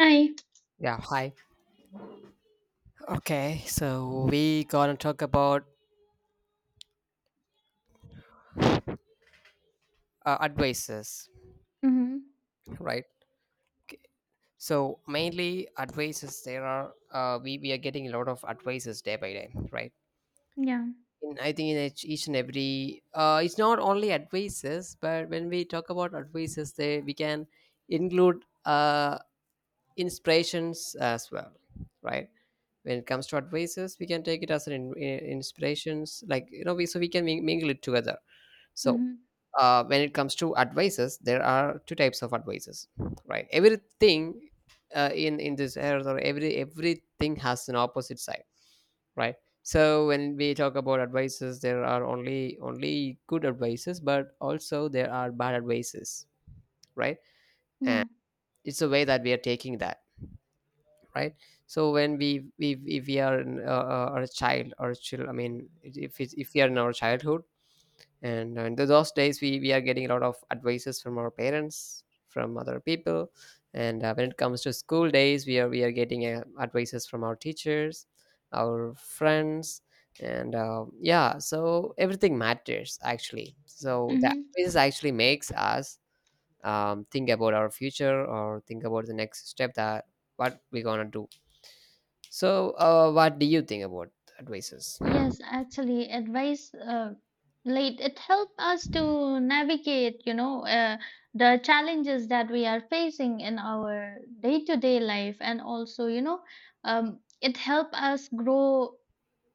Hi. Yeah, hi. Okay, so we gonna talk about advices, Mm-hmm. right? So mainly advices. There are we are getting a lot of advices day by day, right? Yeah. In, I think in each and every it's not only advices, but when we talk about advices, they we can include inspirations as well, right? When it comes to advices, we can take it as an inspirations, we so we can mingle it together. So, Mm-hmm. When it comes to advices, there are two types of advices, right? Everything in this earth or everything has an opposite side, right? So when we talk about advices, there are only good advices, but also there are bad advices, right? And Yeah. it's a way that we are taking that, right? So when we if we are in, are a child or a child, I mean, if it's, if we are in our childhood and in those days we are getting a lot of advices from our parents, from other people, and when it comes to school days we are getting advices from our teachers, our friends, and yeah, so everything matters actually, so the that Mm-hmm. is actually makes us think about our future or think about the next step, that what we're gonna do. So what do you think about advices? Yes, actually, advice late it help us to navigate, you know, the challenges that we are facing in our day-to-day life, and also, you know, it help us grow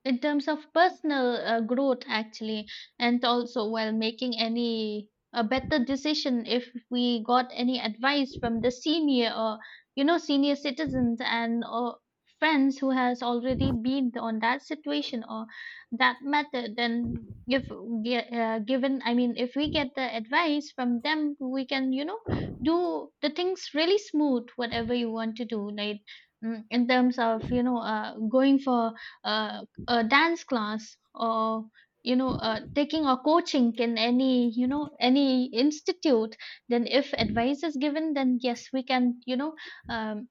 in terms of personal growth actually, and also while making any a better decision, if we got any advice from the senior or you know senior citizens and or friends who has already been on that situation or that method, then if given I mean if we get the advice from them, we can you know do the things really smooth whatever you want to do, like in terms of you know going for uh, a dance class or you know taking a coaching in any you know any institute, then if advice is given, then yes we can you know um,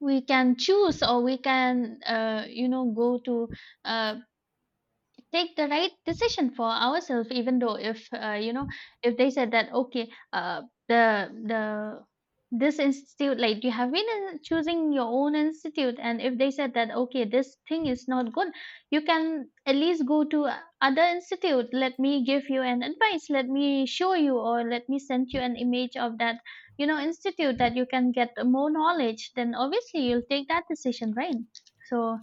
we can choose or we can you know go to uh, take the right decision for ourselves, even though if you know if they said that okay the this institute, like you have been choosing your own institute, and if they said that okay this thing is not good, you can at least go to other institute, let me give you an advice, let me show you or let me send you an image of that you know institute that you can get more knowledge, then obviously you'll take that decision, right? So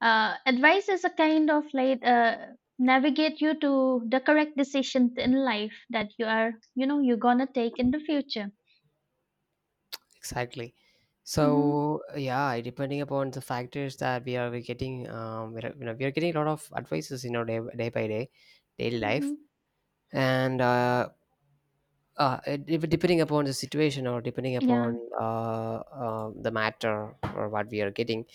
advice is a kind of like navigate you to the correct decision in life that you are you know you're gonna take in the future. Exactly. Mm-hmm. So yeah, depending upon the factors that we getting, we are, you know, we are getting a lot of advices, you know, day by day, daily life, Mm-hmm. and depending upon the situation or depending Yeah. upon the matter or what we are getting,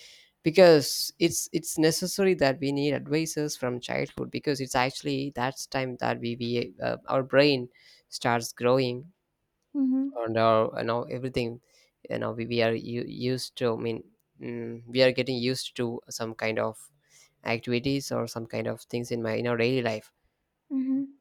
because it's necessary that we need advices from childhood, because it's actually that's time that we our brain starts growing, Mm-hmm. and our, you know, everything, you know, we are used to, I mean, we are getting used to some kind of activities or some kind of things in my in our daily life. Mm-hmm.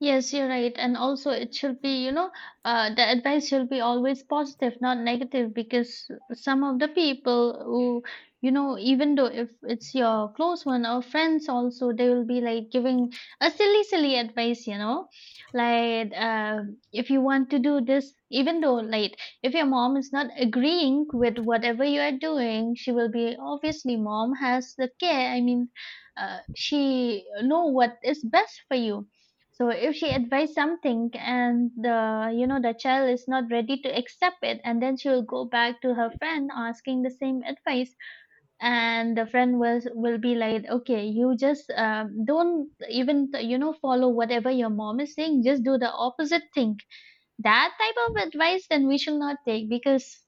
Yes, you're right. And also, it should be, you know, the advice should be always positive, not negative, because some of the people who, you know, even though if it's your close one or friends also, they will be like giving a silly, silly advice, you know, like if you want to do this, even though, like, if your mom is not agreeing with whatever you are doing, she will be obviously, mom has the care. I mean, she know what is best for you. So if she advised something and the you know the child is not ready to accept it, and then she will go back to her friend asking the same advice, and the friend will be like, okay, you just don't even you know follow whatever your mom is saying, just do the opposite thing. That type of advice then we should not take, because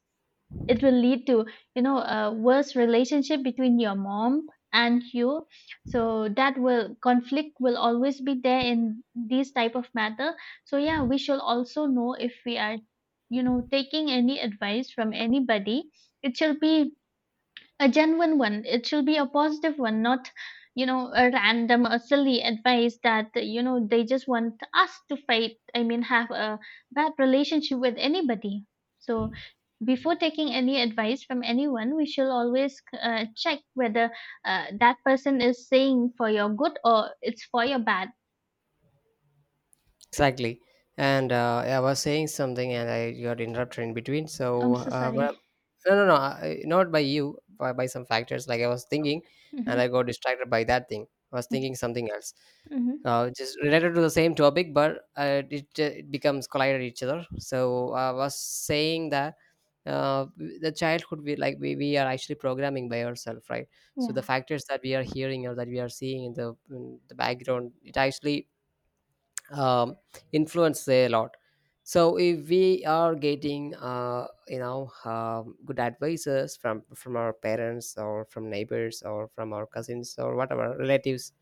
it will lead to you know a worse relationship between your mom and you. So that will conflict will always be there in these type of matter. So yeah, we should also know if we are you know taking any advice from anybody, it should be a genuine one, it should be a positive one, not you know a random or silly advice that you know they just want us to fight, I mean have a bad relationship with anybody. So before taking any advice from anyone, we should always check whether that person is saying for your good or it's for your bad. Exactly. And I was saying something and I got interrupted in between, so I'm so sorry. but no, no, no, I, not by you, by some factors, like I was thinking and I Hmm. got distracted by that thing. I was thinking something else, Hmm. Just related to the same topic, but it becomes collided each other. So I was saying that the childhood we like we are actually programming by ourselves, right? So Yeah. the factors that we are hearing or that we are seeing in the background, it actually um, influence a lot. So if we are getting good advices from our parents or from neighbors or from our cousins or whatever relatives,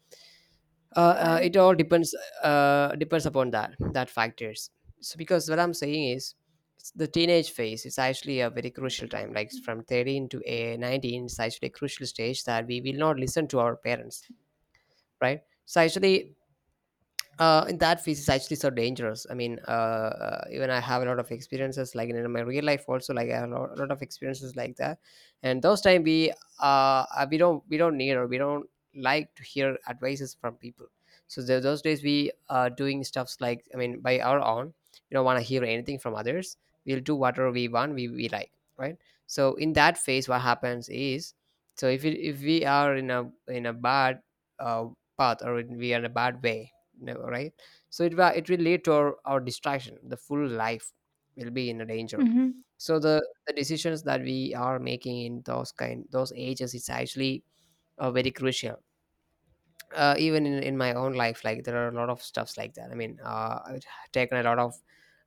it all depends, depends upon that factors. So because what I'm saying is, it's the teenage phase is actually a very crucial time, like from 13 to 19. It's actually a crucial stage that we will not listen to our parents, right? So actually, in that phase is actually so dangerous. I mean, even I have a lot of experiences, like in my real life also. Like I have a lot of experiences like that, and those time we we don't need or we don't like to hear advices from people. So those days we are doing stuffs, like I mean by our own. We don't want to hear anything from others. We'll do whatever we want. We like, right. So in that phase, what happens is, so if we are in a bad uh, path, or in, we are in a bad way, never, right? So it will lead to our distraction. The full life will be in a danger. Hmm. So the decisions that we are making in those ages is actually very crucial. Even in my own life, like there are a lot of stuffs like that, I mean, I've taken a lot of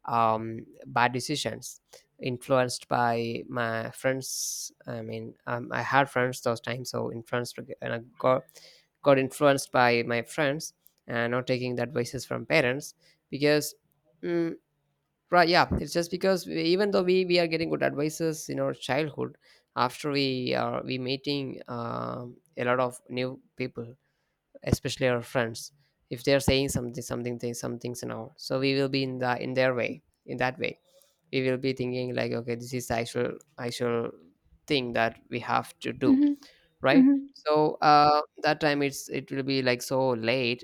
bad decisions, influenced by my friends, I mean, I had friends those times, so influenced, and I got influenced by my friends, and not taking the advices from parents, because mm, right, yeah, it's just because even though we are getting good advices in our childhood, after we meeting a lot of new people, especially our friends. If they're saying something, they some things now, so we will be in their way, in that way. We will be thinking like, okay, this is the actual thing that we have to do, right? Hmm. So that time, it will be like so late,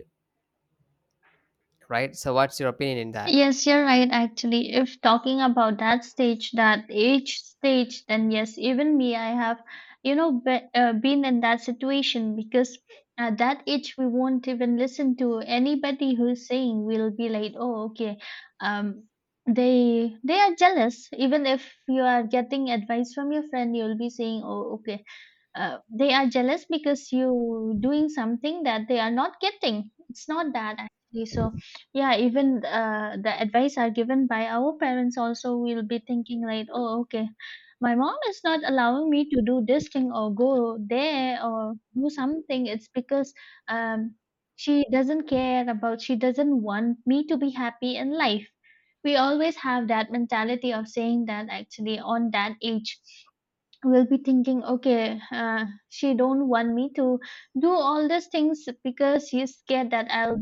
right? So what's your opinion in that? Yes, you're right, actually. If talking about that stage, that age stage, then yes, even me, I have, you know, been in that situation, because at that age, we won't even listen to anybody who's saying, we'll be like, oh, okay, um, they are jealous. Even if you are getting advice from your friend, you'll be saying, oh, okay, they are jealous because you doing something that they are not getting. It's not that actually. So yeah, even the advice are given by our parents also, will be thinking like oh okay, my mom is not allowing me to do this thing or go there or do something, it's because um, she doesn't care about, she doesn't want me to be happy in life. We always have that mentality of saying that actually on that age, will be thinking okay she don't want me to do all these things because she's scared that I'll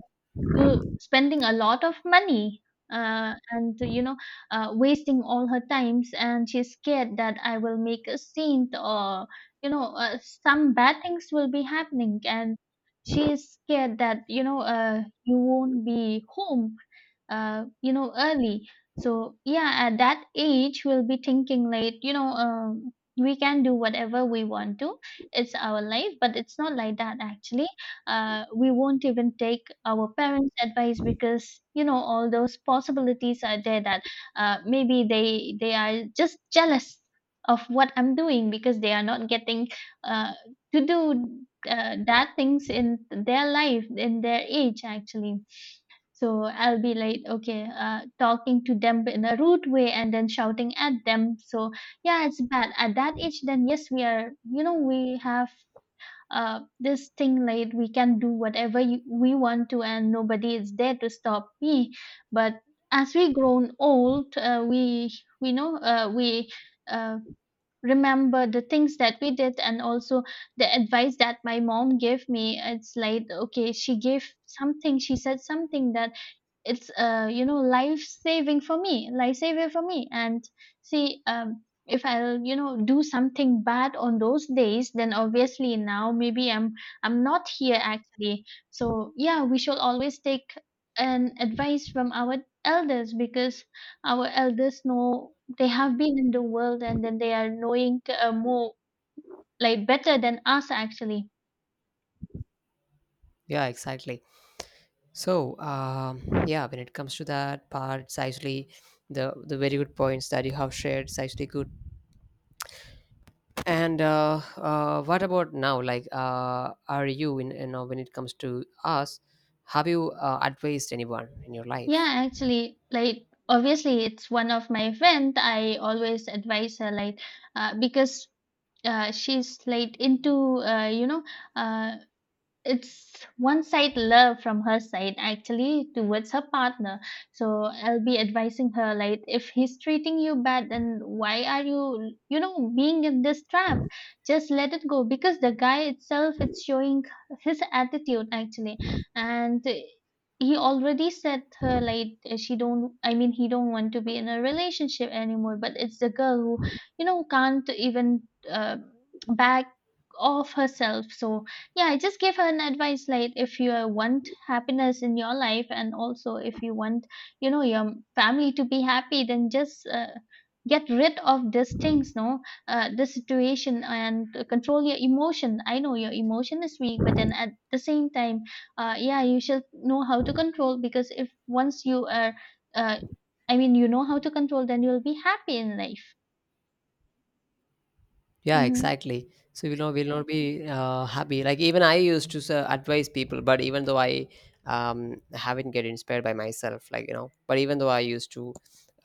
to spending a lot of money, and you know wasting all her times, and she's scared that I will make a scene or you know some bad things will be happening, and she's scared that you know you won't be home you know early. So yeah, at that age we'll be thinking like you know we can do whatever we want to, it's our life, but it's not like that actually. Uh, we won't even take our parents' advice because you know all those possibilities are there that maybe they are just jealous of what I'm doing because they are not getting uh, to do that things in their life in their age actually. So I'll be like, okay, talking to them in a rude way and then shouting at them. So yeah, it's bad at that age. Then yes, we are, you know, we have this thing late we can do whatever you, we want to, and nobody is there to stop me. But as we grown old, we know, we uh, remember the things that we did, and also the advice that my mom gave me, it's like okay she gave something, she said something that it's you know life saving for me, life saver for me. And see if I'll you know do something bad on those days, then obviously now maybe I'm not here actually. So yeah, we should always take an advice from our elders, because our elders know, they have been in the world and then they are knowing more, like better than us actually. Yeah, exactly. So yeah, when it comes to that part, it's actually the very good points that you have shared, it's actually good. And what about now? Like, are you in, you know, when it comes to us, have you advised anyone in your Yeah, life? actually, like obviously it's one of my friend. I always advise her like because she's like into you know uh, it's one side love from her side actually towards her partner. So I'll be advising her like, if he's treating you bad then why are you you know being in this trap, just let it go, because the guy itself it's showing his attitude actually. And he already said her like she don't I mean he don't want to be in a relationship anymore, but it's the girl who you know can't even uh, back off herself. So yeah, I just gave her an advice like, if you want happiness in your life and also if you want, you know, your family to be happy, then just get rid of these things, no, this situation, and control your emotion. I know your emotion is weak, but then at the same time, yeah, you should know how to control, because if once you are, uh, I mean, you know how to control, then you'll be happy in life. Yeah, Mm-hmm. exactly. So we'll not be happy. Like even I used to advise people, but even though I haven't get inspired by myself, like you know, but even though I used to,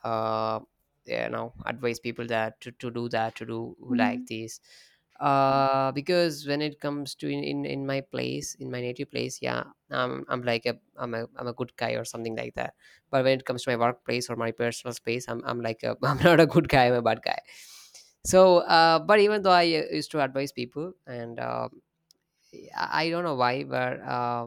uh, yeah, you know, advise people that to do that, to do Mm-hmm. like this, because when it comes to in my place, in my native place, yeah, I'm like a I'm a I'm a good guy or something like that, but when it comes to my workplace or my personal space, I'm like a, I'm not a good guy, I'm a bad guy. So but even though I used to advise people, and I don't know why, but uh,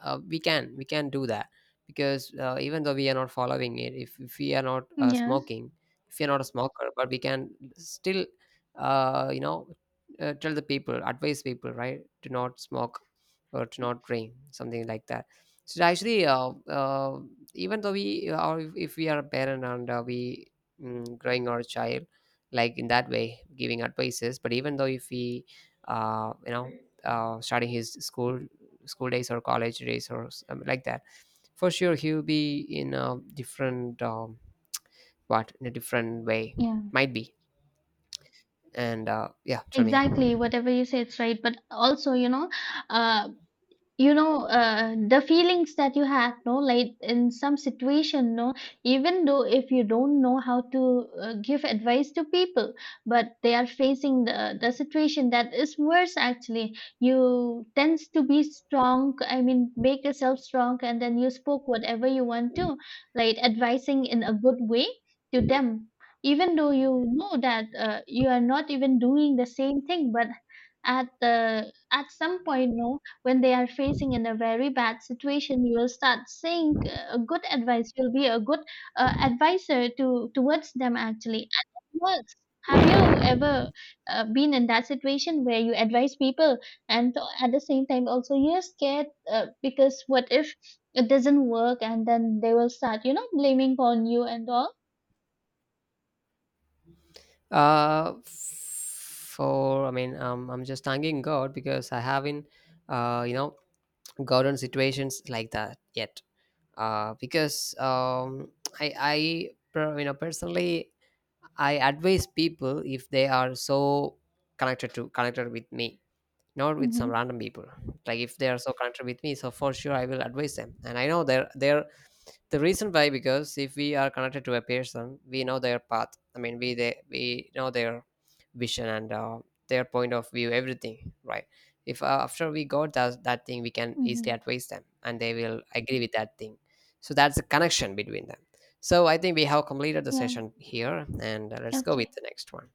uh, we can do that, because even though we are not following it, if we are not Yeah. smoking, if you're not a smoker, but we can still uh, you know tell the people, advise people, right, to not smoke or to not drink something like that. So actually, even though we, or if we are a parent, and we growing our child like in that way, giving advices, but even though if we uh, you know starting his school days or college days or something like that, for sure he will be in a different what, in a different way, Yeah. might be. And yeah, tell me. Exactly, whatever you say, it's right. But also, uh, you know the feelings that you had no like in some situation no, even though if you don't know how to give advice to people, but they are facing the situation that is worse actually, you tends to be strong, I mean make yourself strong and then you spoke whatever you want to, like advising in a good way to them. Even though you know that you are not even doing the same thing, but at the at some point no, when they are facing in a very bad situation, you will start saying a good advice, you'll be a good advisor to towards them actually, and it works. Have you ever been in that situation where you advise people, and at the same time also you're scared because what if it doesn't work and then they will start you know blaming on you and all? For, I mean, I'm just thanking God, because I haven't uh you know gotten situations like that yet, because I you know, personally, I advise people if they are so connected with me, not with some Mm-hmm. random people. Like if they are so connected with me, so for sure I will advise them, and I know they're the reason why, because if we are connected to a person, we know their path, I mean, we know their vision and their point of view, everything, right? If after we got that thing, we can Mm-hmm. easily advise them and they will agree with that thing. So that's a connection between them. So I think we have completed the Yeah. session here, and let's go Okay. with the next one.